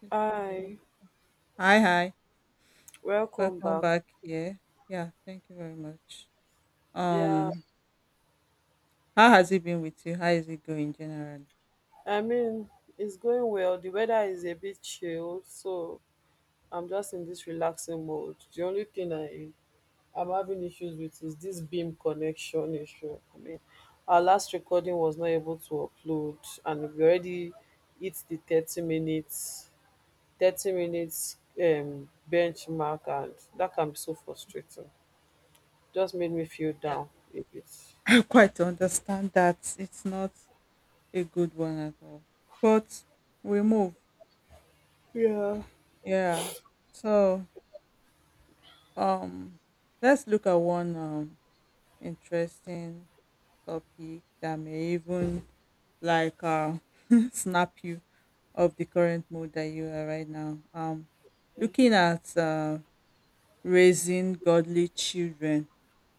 Click on the wrong- Hi, Hi, hi. welcome Welcome back. back here. Yeah, thank you very much. Yeah, Um, how has it been with you? How is it going generally? I mean, it's going well. The weather is a bit chilled, so I'm just in this relaxing mode. The only thing I'm having issues with is this beam connection issue. I mean, our last recording was not able to upload, and we already hit the 30 minutes 30 minutes um benchmark, and that can be so frustrating. Just made me feel Yeah. down a bit. I quite understand that it's not a good one at all. But we move. Yeah. Yeah. So um let's look at one interesting topic that may even like snap you of the current mood that you are right now. Looking at raising godly children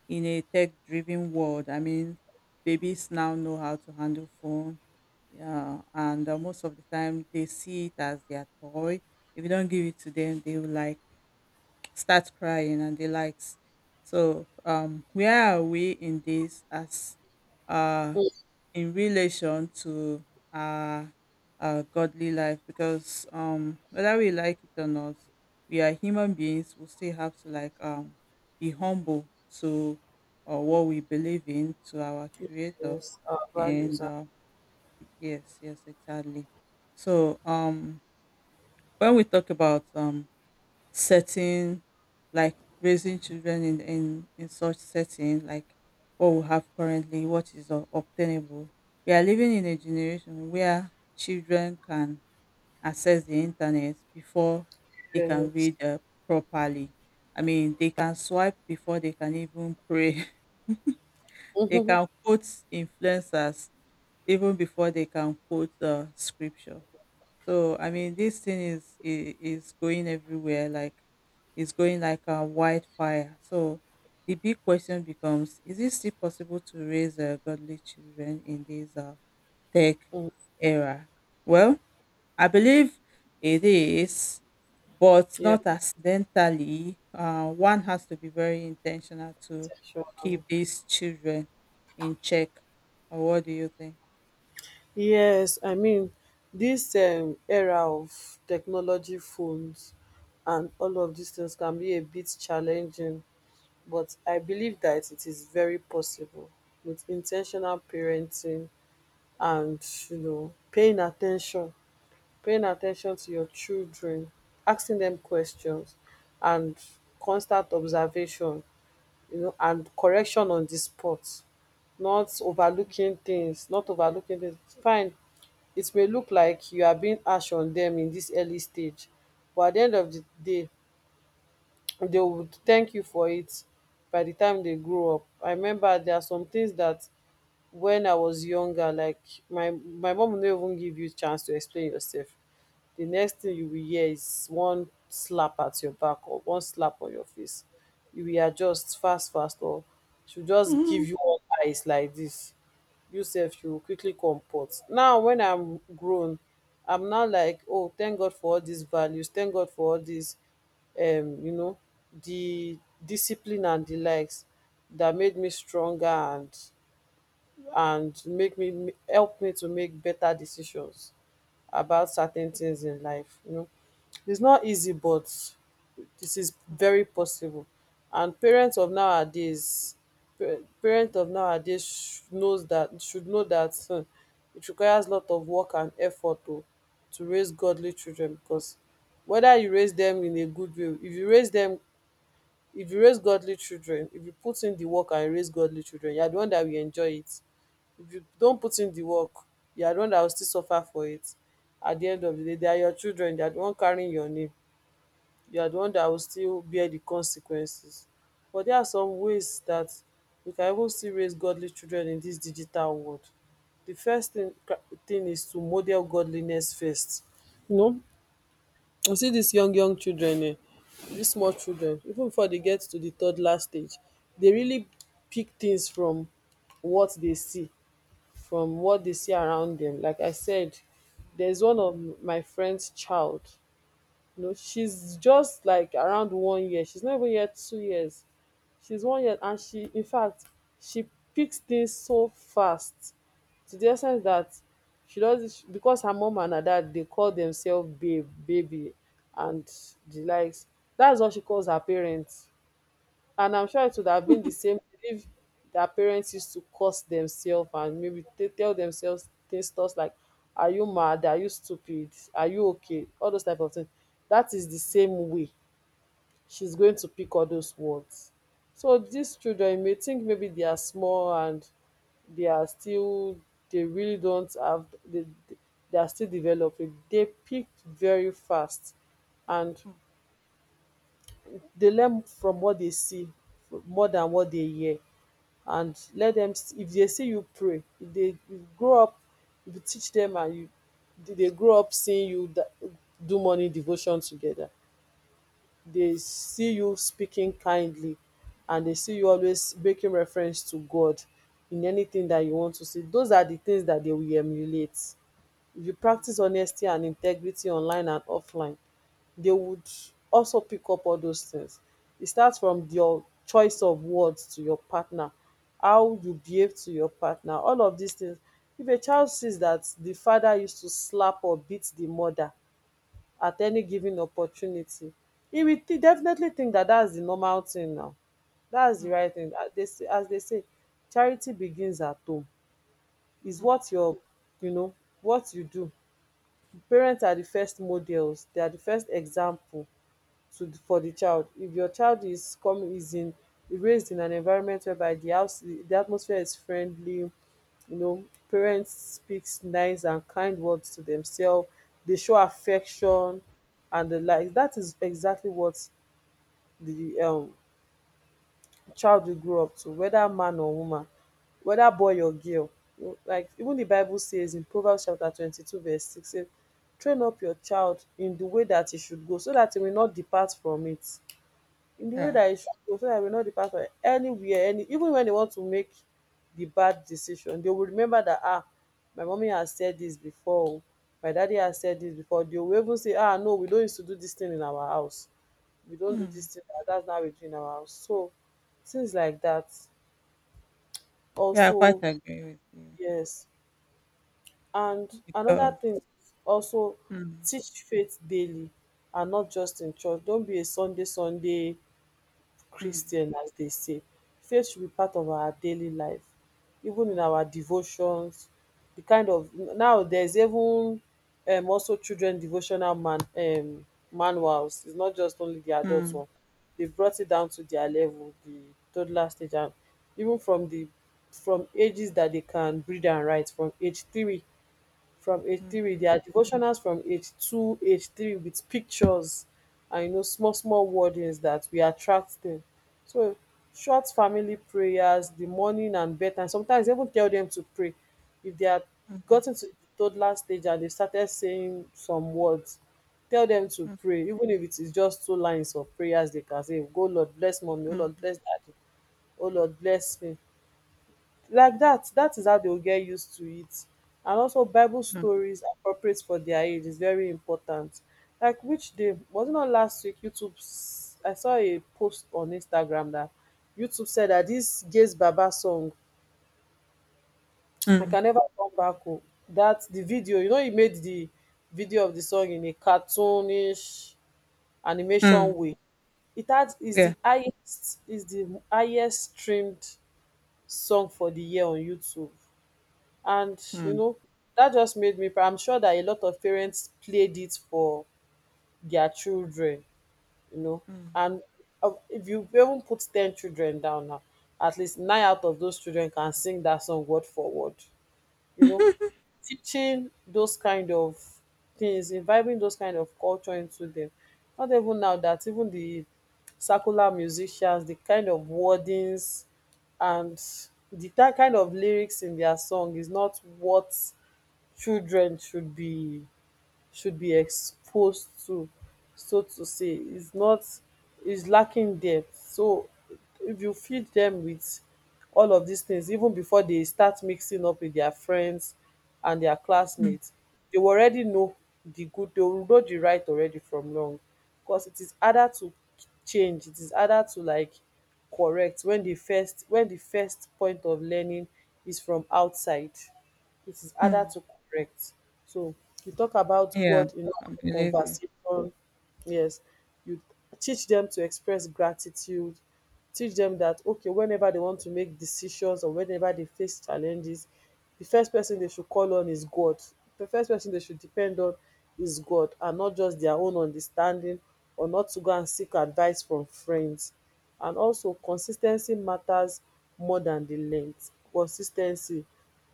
in a tech driven world. I mean, babies now know how to handle phone. Yeah, and most of the time they see it as their toy. If you don't give it to them, they will like start crying and they likes. So, where are we in this as uh in relation to our, our godly life, because whether we like it or not, we are human beings. We still have to like be humble to what we believe in, to our creator. Yes, our values. And yes, yes, exactly. So when we talk about setting, like raising children in such setting, like what we have currently, what is obtainable. We are living in a generation where children can access the internet before they can Yes. read properly. I mean, they can swipe before they can even pray they Mm-hmm. can quote influencers even before they can quote scripture. So, I mean, this thing is going everywhere, like it's going like a wildfire. So the big question becomes: is it still possible to raise godly children in this tech era? Well, I believe it is, but Yeah, not accidentally. One has to be very intentional to sexual. keep these children in check. Or what do you think? Yes, I mean this era of technology phones and all of these things can be a bit challenging, but I believe that it is very possible with intentional parenting and, you know, paying attention to your children, asking them questions, and constant observation, you know, and correction on the spot, not overlooking things, not overlooking things. Fine, it may look like you are being harsh on them in this early stage, but at the end of the day, they would thank you for it by the time they grow up. I remember there are some things that when I was younger, like my mom would not even give you chance to explain yourself. Di next tin you will hear is one slap at your back or one slap on your face. You will adjust fast fast or she will just give you one eyes like dis, you sef you go quickly comport. Now wen I'm grown, I'm now like, oh, thank God for all dis values, thank God for all dis um you know di discipline and di likes dat made me stronger and make me help me to make beta decisions about certain things in life. You know, it's not easy, but this is very possible. And parents of nowadays, parent of nowadays knows that should know that hmm, it requires a lot of work and effort to raise godly children, because whether you raise them in a good way, if you raise them, if you raise godly children, if you put in the work and raise godly children, you are the one that will enjoy it. If you don't put in the work, you are the one that will still suffer for it. At the end of the day, they are your children, they are the one carrying your name, you are the one that will still bear the consequences. But there are some ways that we can even still raise godly children in this digital world. The first thing is to model godliness first. You know, you see these young young children, this small children, even before they get to the toddler stage, they really pick things from what they see, from what they see around them. Like I said, there's one of my friend's child. You know, she's just like around 1 year. She's not even yet 2 years. She's 1 year, and she in fact she picks things so fast, to the extent that she does it because her mom and her dad, they call themselves babe, baby and the likes. That's what she calls her parents. And I'm sure it would have been the same if their parents used to curse themselves and maybe tell themselves things thoughts like, are you mad? Are you stupid? Are you okay? All those type of things. That is the same way she's going to pick all those words. So these children, you may think maybe they are small and they are still, they really don't have, they, they they are still developing. They pick very fast, and they learn from what they see more than what they hear. And let them, if they see you pray, if dey grow up, if you teach them, and you, they grow up seeing you do morning devotion together. They see you speaking kindly, and they see you always making reference to God in anything that you want to see. Those are the things that they will emulate. If you practice honesty and integrity online and offline, they would also pick up all those things. It starts from your choice of words to your partner, how you behave to your partner, all of these things. If a child sees that the father used to slap or beat the mother at any given opportunity, he will definitely think that that's the normal thing now. That's the right thing. As they say, charity begins at home. Is what your, you know what you do, parents are the first models. They are the first example to, for the child. If your child is coming, is in, raised in an environment whereby the house, the atmosphere is friendly, you know, parents speaks nice and kind words to themselves, they show affection and the like. That is exactly what the child you grow up to, whether man or woman, whether boy or girl. Like even the Bible says in Proverbs chapter 22 verse 6, say, train up your child in the way that he should go so that he will not depart from it. In the way Yeah. that he should go so that he will not depart from it. Anywhere, any, even when they want to make the bad decision, they will remember that, ah, my mommy has said this before, oh, my daddy has said this before. They will even say, ah no, we don't used to do this thing in our house, we don't do this Mm. thing, that's not we do in our house. So things like that, Yeah, I quite also. agree with you Yes. And another because thing is also, mm, teach faith daily and not just in church. Don't be a sunday sunday mm, Christian, as they say. Faith should be part of our daily life, even in our devotions. The kind of, now there's even, also children devotional manuals. It's not just only the adult mm, one. They've brought it down to their level, the toddler stage, and even from the from ages that they can read and write, from age 3, mm, there are devotionals from age 2, age 3, with pictures, and, you know, small small wordings that we attract them. So, short family prayers, the morning and bedtime, sometimes even tell them to pray if they are mm, gotten ten to the toddler stage and they started saying some words, tell them to mm, pray, even if it is just two lines of prayers they can say, "Go Lord bless mommy. Oh mm, Lord bless daddy, oh Lord bless me." Like that, that is how they will get used to it. And also bible mm, stories appropriate for their age is very important. Like, which day was it, not last week, youtube, I saw a post on instagram that youtube said that this gaze baba song, I mm, can never come back home, that the video, you know, he made the video of the song in a cartoonish animation mm, way. It has, is yeah, the highest, is the highest streamed song for the year on youtube. And, you mm, know, that just made me I'm sure that a lot of parents played it for their children, you know. mm, And if you even put 10 children down now, at least nine out of those children can sing that song word for word, you know. Teaching those kind of things, imbibing those kind of culture into them, not even now that even the circular musicians, the kind of wordings and the that kind of lyrics in their song, is not what children should be exposed to, so to say, is not, is lacking depth. So if you feed them with all of these things, even before they start mixing up with their friends and their mm, classmates, they will already know the good, they will know the right already from wrong, cos it is harder to change, it is harder to like correct when the first point of learning is from outside, it is harder mm. to correct. So, you talk about Yeah, God in I our believe you. conversation. Yes, you teach them to express gratitude. Teach them that okay, whenever they want to make decisions or whenever they face challenges, the first person they should call on is God. The first person they should depend on is God, and not just their own understanding, or not to go and seek advice from friends. And also, consistency matters more than the length. Consistency,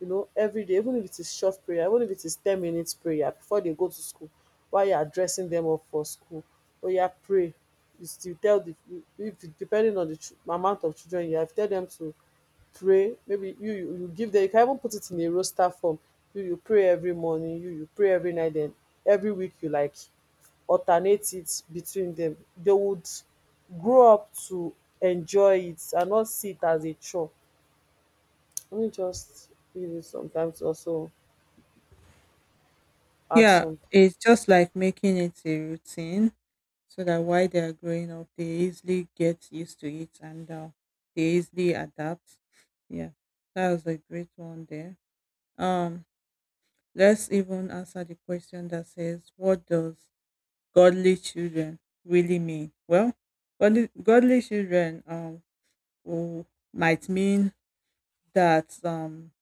you know, everyday, even if it is short prayer, even if it is 10 minutes prayer before they go to school, while you are dressing them up for school, oya pray. You still tell the, if depending on di amount of children you have, tell them to pray. Maybe you you give them, you can even put it in a roster form. You pray every morning, you pray every night, den every week you like alternate it between them. They would grow up to enjoy it and not see it as a chore. Let me just read it sometimes also add Yeah, some. it's just like making it a routine so that while they are growing up, they easily get used to it, and they easily adapt. Yeah, that was a great one there. Um, let's even answer the question that says, "What does godly children really mean?" Well, godly children will- might mean that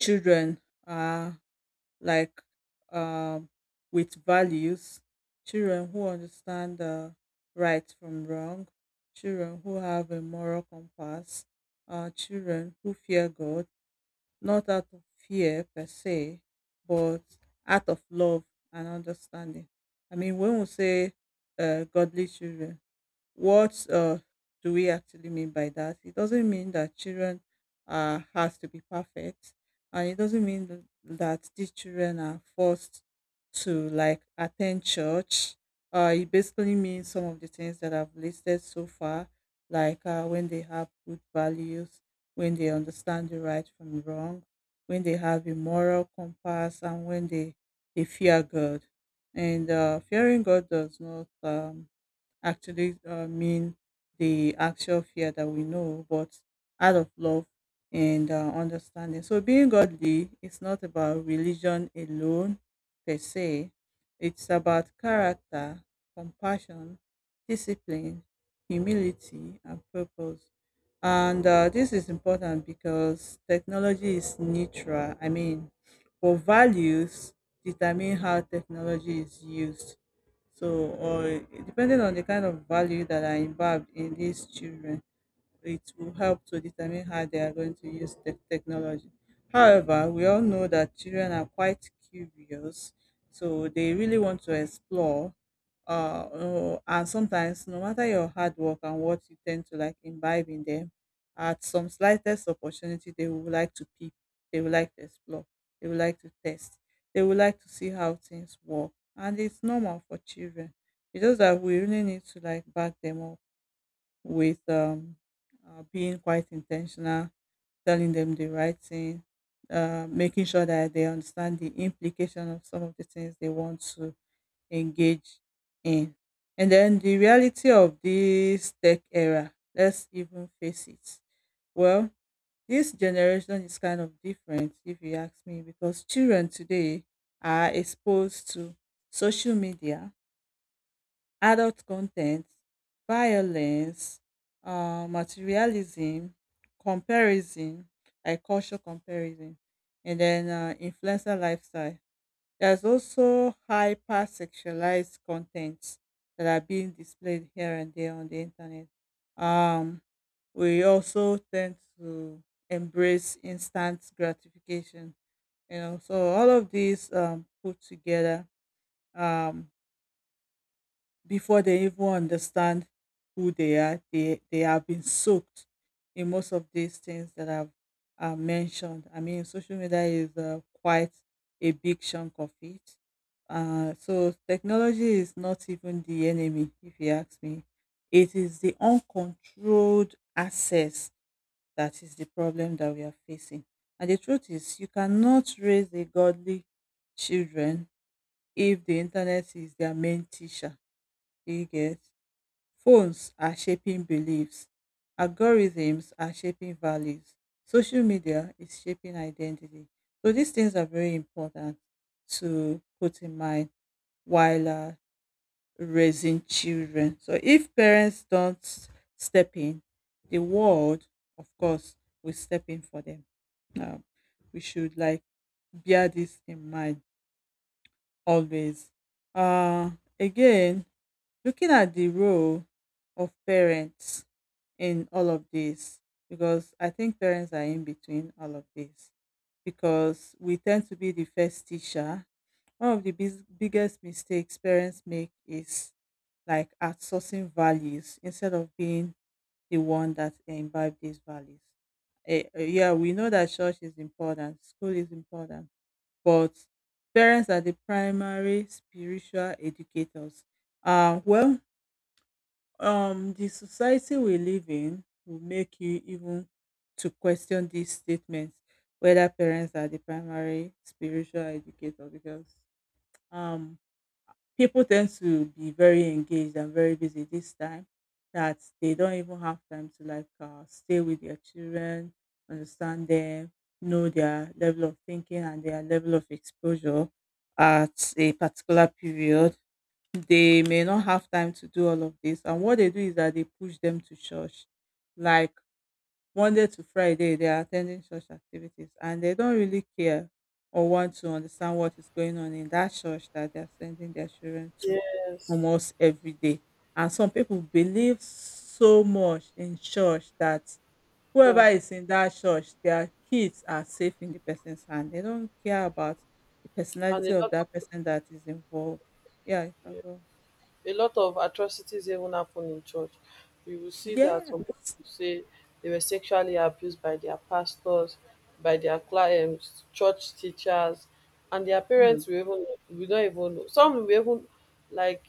children are like, um, with values, children who understand right from wrong, children who have a moral compass, children who fear God, not out of fear per se, but out of love and understanding. I mean, when we say godly children, what do we actually mean by that? It doesn't mean that children has to be perfect, and it doesn't mean that these children are forced to like attend church. It basically means some of the things that I've listed so far, like when they have good values, when they understand the right from wrong, when they have a moral compass, and when they fear God. And fearing God does not actually mean the actual fear that we know, but out of love and understanding. So, being godly is not about religion alone per se, it's about character, compassion, discipline, humility, and purpose. And this is important because technology is neutral. I mean, but values determine how technology is used. So, or it depending on the kind of value that are involved in these children, it will help to determine how they are going to use the technology. However, we all know that children are quite curious, so they really want to explore. Oh, and sometimes, no matter your hard work and what you tend to like imbibe in them, at some slightest opportunity, they would like to peep, they would like to explore, they would like to test, they would like to see how things work. And it's normal for children. It's just that we really need to like back them up with being quite intentional, telling them the right thing, making sure that they understand the implication of some of the things they want to engage in. And then the reality of this tech era, let's even face it. Well, this generation is kind of different, if you ask me, because children today are exposed to social media, adult content, violence, materialism, comparison, like cultural comparison, and then influencer lifestyle. There's also hyper sexualized contents that are being displayed here and there on the internet. Um, we also tend to embrace instant gratification. You know, so all of these put together, um, before they even understand who they are, they have been soaked in most of these things that I've mentioned. I mean, social media is quite a big chunk of it. So, technology is not even the enemy, if you ask me. It is the uncontrolled access that is the problem that we are facing. And the truth is, you cannot raise a godly children if the internet is their main teacher. Do you get? Phones are shaping beliefs, algorithms are shaping values, social media is shaping identity. So these things are very important to put in mind while raising children. So if parents don't step in, the world, of course, will step in for them. Um, we should like bear this in mind always. Uh, again, looking at the role of parents in all of this, because I think parents are in between all of this, because we tend to be the first teacher. One of the biggest mistakes parents make is like outsourcing values instead of being the one that imbibe these values. Yeah, we know that church is important, school is important, but parents are the primary spiritual educators. Well, the society we live in will make you even to question these statements, whether parents are the primary spiritual educator, because um people tend to be very engaged and very busy this time, that they don't even have time to like stay with their children, understand them, know their level of thinking and their level of exposure at a particular period. They may not have time to do all of this. And what they do is that they push them to church. Like Monday to Friday, they are attending church activities and they don't really care or want to understand what is going on in that church that they are sending their children to Yes. almost every day. And some people believe so much in church that Hmm. whoever is in that church, their kids are safe in the person's hand. They don't care about the And personality a of lot that person that is involved. Yeah, you can go. a lot of atrocities even happen in church. You will see that some Yes. people say they were sexually abused by their pastors, by their church teachers, and their parents Mm. will even will not even know. Some will even like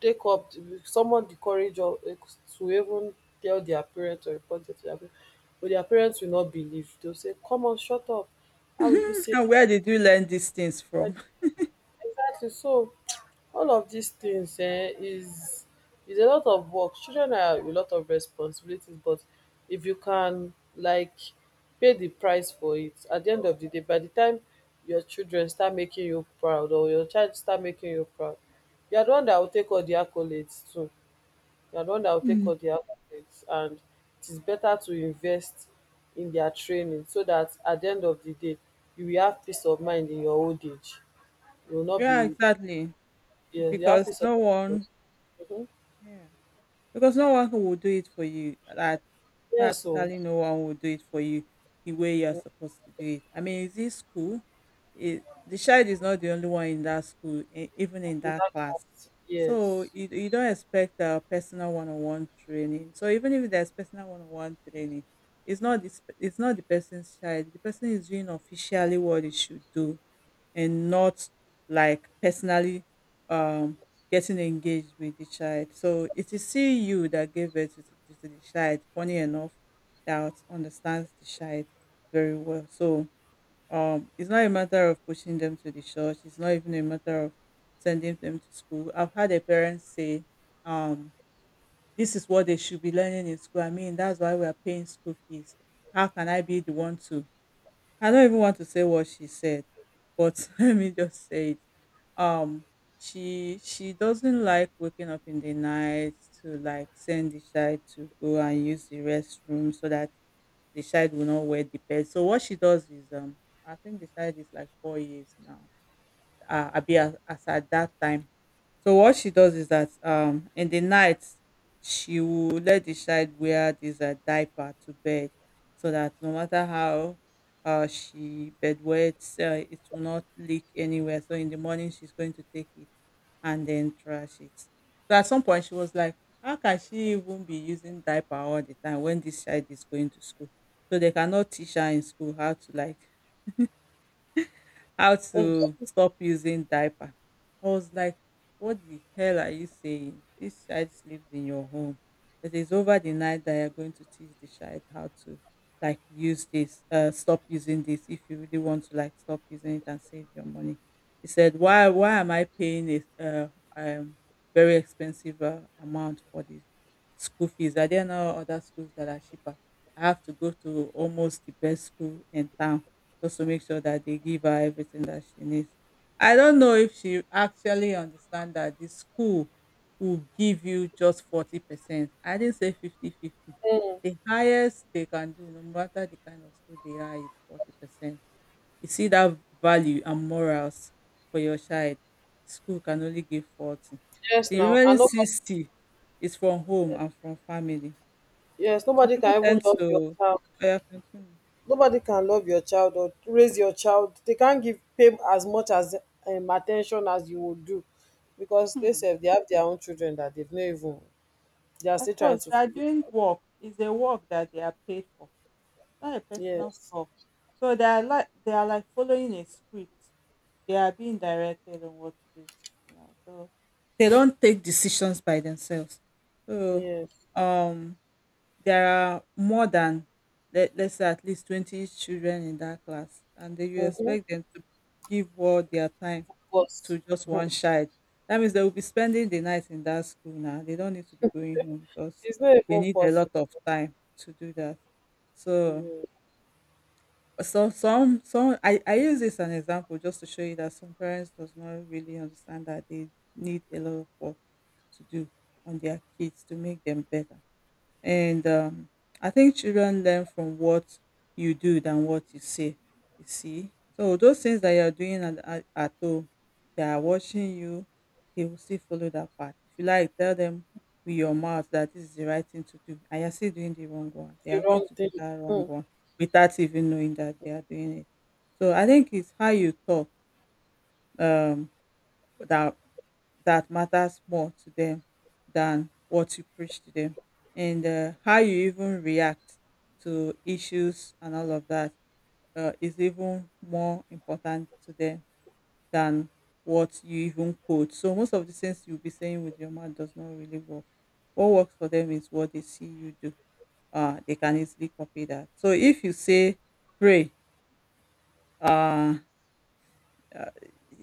take up the- someone di courage of like, to even tell their parents or report it to dia parents, but their parents will not believe. They will say, "Come on, shut up, how will you say’ And where did you learn these things that?" from? Exactly. So all of these things, eh, is a lot of work. Children are a lot of responsibilities, but if you can like pay the price for it, at the end of the day, by the time your children start making you proud or your child start making you proud, you are the one that will take all the accolades too. You are the one that will take Mm. all the accolades, and it is better to invest in their training so that at the end of the day you will have peace of mind in your old age. You will not Yeah, be, exactly. yes, you have Because peace of no mind. one, Mhm. yeah. Because no one will do it for you. That Yes, oh, practically no one will do it for you the way you're supposed to do it. I mean, is this school? It, the child is not the only one in that school, even in that without that, part, class. So yes. you don't expect a personal one-on-one training. So even if there's personal one-on-one training, it's not this. It's not the person's child. The person is doing officially what it should do, and not like personally um getting engaged with the child. So it is still you that gave birth to the child, funny enough, that understands the child very well. So it's not a matter of pushing them to the church, it's not even a matter of sending them to school. I've had a parent say, um, this is what they should be learning in school. I mean, that's why we are paying school fees. How can I be the one to I don't even want to say what she said, but let me just say it. Um, she doesn't like waking up in the night to like send the child to go and use the restroom so that the child will not wear the bed. So what she does is I think the child is like 4 years now. I be as, at that time, so what she does is that in the night she will let the child wear this diaper to bed so that no matter how she bedwets, it will not leak anywhere. So in the morning she's going to take it and then trash it. So at some point she was like, how can she even be using diaper all the time when this child is going to school? So they cannot teach her in school how to like how Mm. to stop using diaper. I was like, what the hell are you saying? This child sleeps in your home. It is over the night that you're going to teach the child how to like stop using this if you really want to like stop using it and save your money. He said, why am I paying this um, very expensive amount for this school fees? Are there no other schools that are cheaper? I have to go to almost the best school in town just to make sure that they give her everything that she needs. I don't know if she actually understand that the school will give you just 40%. I didn't say fifty-fifty. The highest they can do, no matter the kind of school they are, is 40%. You see that value and morals for your child. School can only give 40. Yes, The now remaining and nobody, 60 is from home and from family. yes, So nobody people can even tend love your to. child. Oh, yeah, continue. Nobody can love your child or raise your child. They can't give pay as much as attention as you would do, because they say they have their own children that they've not even. They are still Of trying course, to they are figure. doing work. It's a work that they are paid for. It's not a personal Yes, stuff. So they are like following a script. They are being directed on what to do. You know, so they don't take decisions by themselves. So yes. um there are more than, let's say, at least 20 children in that class, and then you Mm-hmm. expect them to give all their time But to just one mhm, child. That means they will be spending the night in that school now. They don't need to be going home because it's not they even need a possible. lot of time to do that. So, so, some I use this as an example just to show you that some parents does not really understand that they need a lot of work to do on their kids to make them better. And I think children learn from what you do than what you say. You see, so those things that you're doing at home, they are watching you. They will still follow that path. If you like, tell them with your mouth that this is the right thing to do, and you're still doing the wrong one, they The are going wrong to thing. do that wrong Mm-hmm. one without even knowing that they are doing it. So I think it's how you talk, um, that that matters more to them than what you preach to them. And how you even react to issues and all of that is even more important to them than what you even quote. So most of the things you'll be saying with your mouth does not really work. What works for them is what they see you do. They can easily copy that. So if you say pray, uh, uh,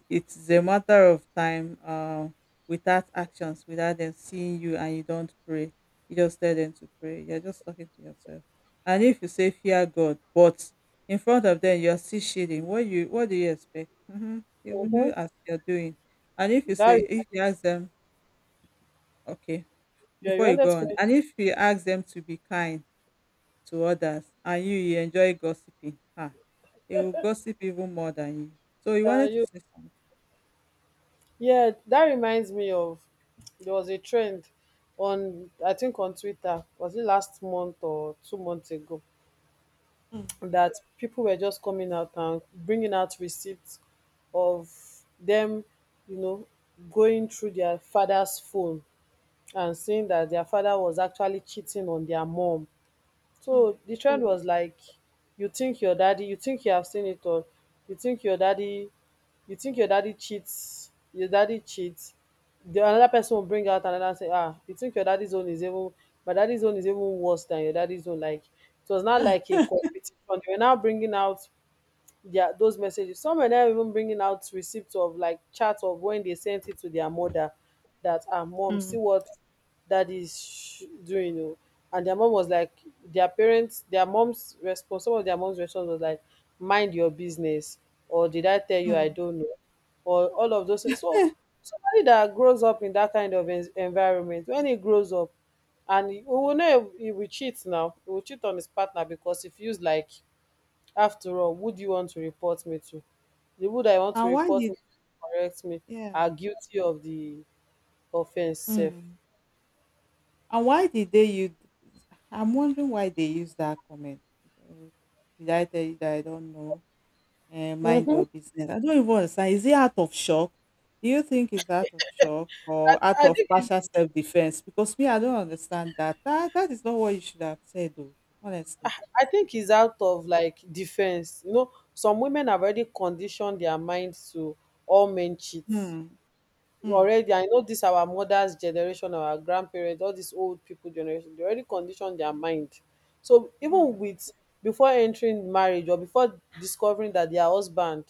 it's a matter of time. Without actions, without them seeing you, and you don't pray, you just tell them to pray, you're just talking to yourself. And if you say fear God, but in front of them you're still shading, what do you expect? Mm-hmm. They will Mm-hmm. do as you're doing. And That if you ask them, okay, you before you wanted go to on, finish. and if you ask them to be kind to others, and you enjoy gossiping, ah, they will gossip even more than you. So you wanted to You say something? Yeah, that reminds me of there was a trend on, I think, on Twitter. Was it last month or 2 months ago, that people were just coming out and bringing out receipts of them, you know, going through their father's phone and seeing that their father was actually cheating on their mom. Mm, So the trend was like, you think your daddy, you think you have seen it all, you think your daddy, you think your daddy cheats, your daddy cheats, the another person will bring out another say, ah, you think your daddy's own is even, my daddy's own is even worse than your daddy's own. Like it was not like a competition. They were now bringing out their those messages. Some were not even bringing out receipts of like chats of when they sent it to their mother, that, our mom, see mm, what daddy is sh- doing oh. And their mom was like, their parents, their mom's response, some of their mom's response was like, mind your business, or did I tell you I mm. don't know, or all of those things. So somebody that grows up in that kind of en- environment, when he grows up, and he, we will know, he will cheat now. He will cheat on his partner because he feels like, after all, who do you want to report me to? The would I want to And why report me did, to correct me yeah? are guilty of the offense sef. Mm. And why did they use? I'm wondering why they use that comment. Uh, Did I tell you that I don't know? And mind um your business. I don't even understand. Is it out of shock? Do you think it's out of shock or out I of think partial its, self defense? Because me, I don't understand that. That is not what you should have said, though. Honestly. I think its out of like defense. You know, some women have already conditioned their minds to all men cheat Hmm. Hmm. already. I know this our mothers generation, our grandparents, all these old people generation, they already conditioned their mind, so Hmm. even with, before entering marriage or before discovering that their husband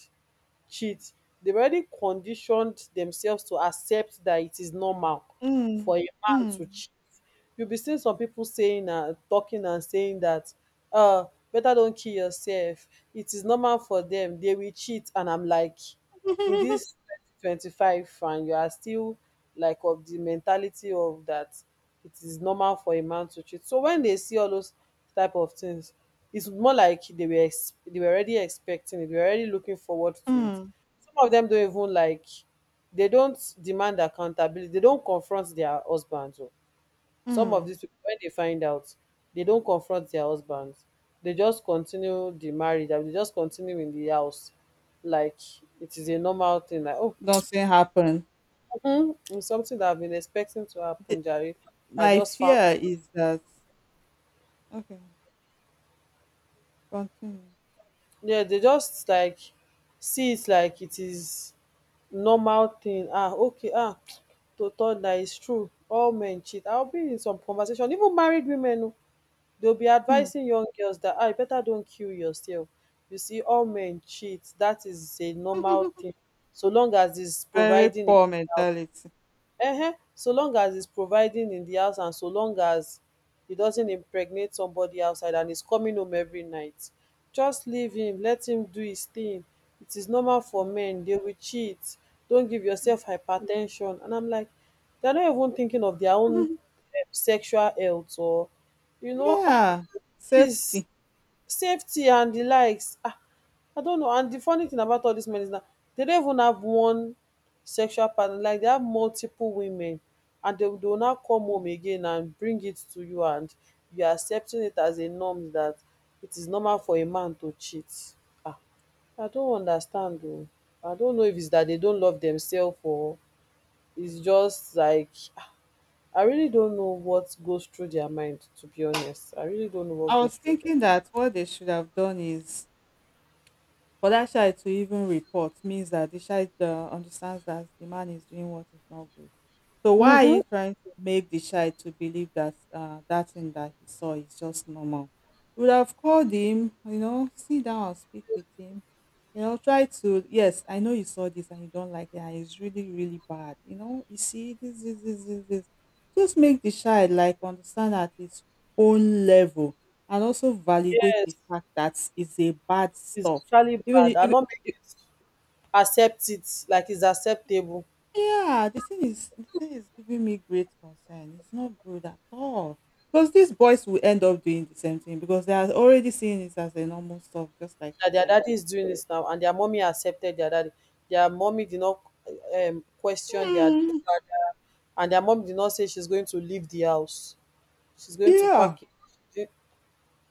cheat, they've already conditioned themselves to accept that it is normal Hmm. for a man Hmm. to cheat. You'll be seeing some people saying and talking and saying that, uh better don't kill yourself. It is normal for them. They will cheat. And I'm like, in this 2025 and you are still like of the mentality of that it is normal for a man to cheat. So when they see all those type of things, it's more like they were ex- they were already expecting it. They were already looking forward to it. Hmm. Some of them don't even like, they don't demand accountability. They don't confront their husbands, oh. Some of these, Hmm. pipu wen dey find out, they don't confront their husbands. They just continue the marriage, abi dey just continue in the house like it is a normal thing. Like, oh, Nothing happened. It's something that I've been expecting to The- happen jare. I my just found, fear is that. Okay, continue. yeah. They just like see it like it is normal thing. Ah, okay, ah, to turn dat is true, all men cheat. I bin in some conversation, even married women oh, they'll be Hmm. advising young girls that, ah, you better don't kill yourself, you see all men cheat, that is a normal thing. So long as it's Very providing, poor mentality. So long as it's providing in the house, and so long as he doesn't impregnate somebody outside and is coming home every night, just leave him, let him do his thing. It is normal for men, they will cheat. Don't give Mm. yourself hypertension. And I'm like, they're not even thinking of their own sexual health or, you know, ah, Yeah, please, safety. safety and the likes. Ah, I don't know. And the funny thing about all these men is that they don't even have one sexual partner. Like they have multiple women, and they, will- they now come home again and bring it to you, and you are accepting it as a norm that it is normal for a man to cheat. Ah, I don't understand though. I don't know if it's that they don't love themselves, or it's just like, ah, I really don't know what goes through their mind. To be honest, I really don't know I what goes was through their. thinking that what they should have done is, for that child to even report means that the child understands that the man is doing what is not good. So why are Mm-hmm. you trying to make the child to believe that that thing that he saw is just normal? You would have called him, sit down and speak with him. Try to, yes, I know you saw this and you don't like it and it's really, really bad. You see this, this, this, this, this. Just make the child like understand at its own level, and also validate Yes. the fact that it's a bad It's stuff. actually Even bad. I not make if- accept it like it's acceptable Yeah, the thing is giving me great concern. It's not good at all. Because these boys will end up doing the same thing because they are already seeing it as a normal stuff, just like you that their said. daddy is doing this now and their mommy accepted their daddy. Their mommy did not question their, Hmm. and their mom did not say she's going to leave the house. She's going to Yeah. pack it. Eh,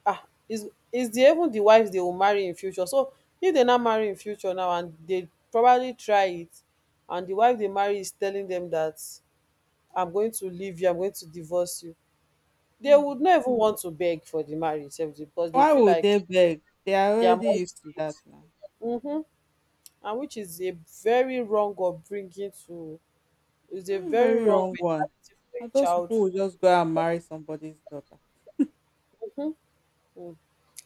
ah, is the even the wives they will marry in future. So if they not marry in future now and they probably try it and the wife they marry is telling them that, I'm going to leave you, I'm going to divorce you. They Hmm. would not even want to beg for the marriage sef because they Why feel would like they beg? They are their already used to that mindset. now. Mm-hmm. And which is a very wrong upbringing to, is a Very, very very wrong wrong one. mentality for a And those child. people will just go and marry somebody's daughter. Mhm. Mm.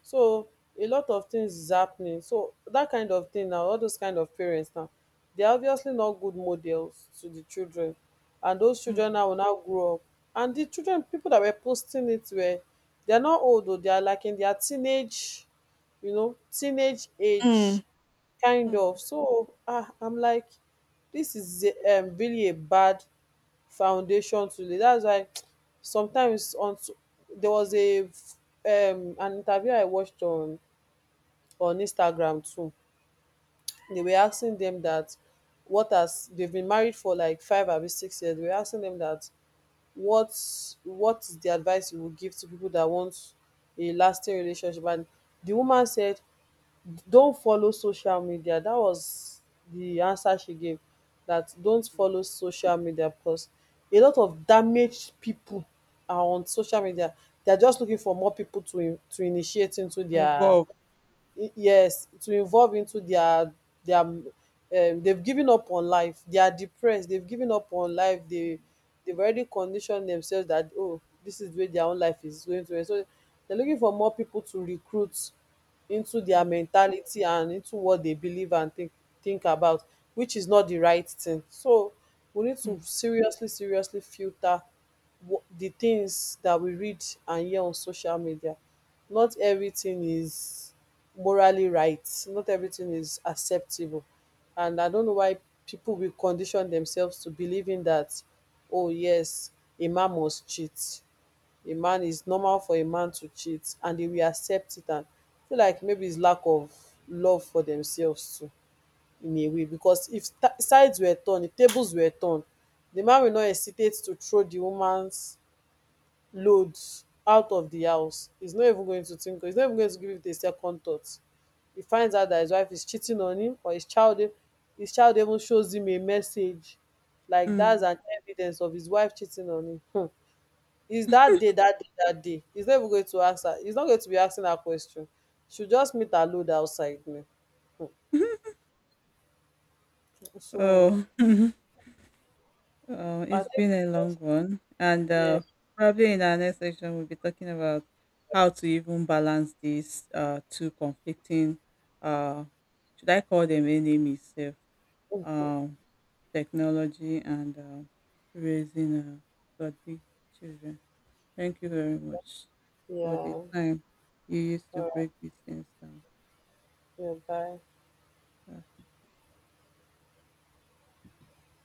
So a lot of things is happening. So that kind of thing now, all those kind of parents now, they are obviously not good models to the children, and those Mm. children now will now grow up. And the children, people that were posting it were, they are not old though. They are like in their teenage, you know, teenage Mm. age kind of. Mm. So ah, I'm like, this is a- really a bad foundation to lay. That's why sometimes on s- there was a f- an interview I watched on Instagram too. They were asking them that what has, they've been married for like 5 or 6 years, they were asking them that what's what is the advice you would give to people that want a lasting relationship. And the woman said, don't follow social media. That was the answer she gave, that don't Mm. follow social media, because a lot of damaged people are on social media. They're just looking for more people to initiate into their, Involved. Yes, to involve into their they've given up on life, they are depressed, they've given up on life, they they've already conditioned themselves that, oh, this is where their own life is going to end. So they're looking for more people to recruit into their Mm. mentality and into what they believe and think about, which is not the right thing. So we need to Mm. seriously seriously filter di tins dat we read and hear on social media. Not everything is morally right, not everything is acceptable, and I don't know why pipu will condition themselves to believing dat, oh yes, a man must cheat, a man is normal for a man to cheat, and dey will accept it and feel like maybe is lack of love for themselves too, in a way. Because if t- sides were turned, if tables were turned, di man will not hesitate to throw di womans loads out of the house. He's not even going to think, he's not even going to give it a second thought. He finds out that his wife is cheating on him, or his child e- his child even shows him a message, like that's Mm. an evidence of his wife cheating on him. Hmm. Is that day, that day, that day? He's not even going to ask her. He's not going to be asking her question. She'll just meet her load outside me. Hmm. So So I it's think, been a long one, and yeah. Probably in our next section we'll be talking about how to even balance these two conflicting. Uh, should I call them enemies? Self. Um, Technology and raising godly children. Thank you very much Yeah. for the All time you used to right. break these things down. Yeah, bye.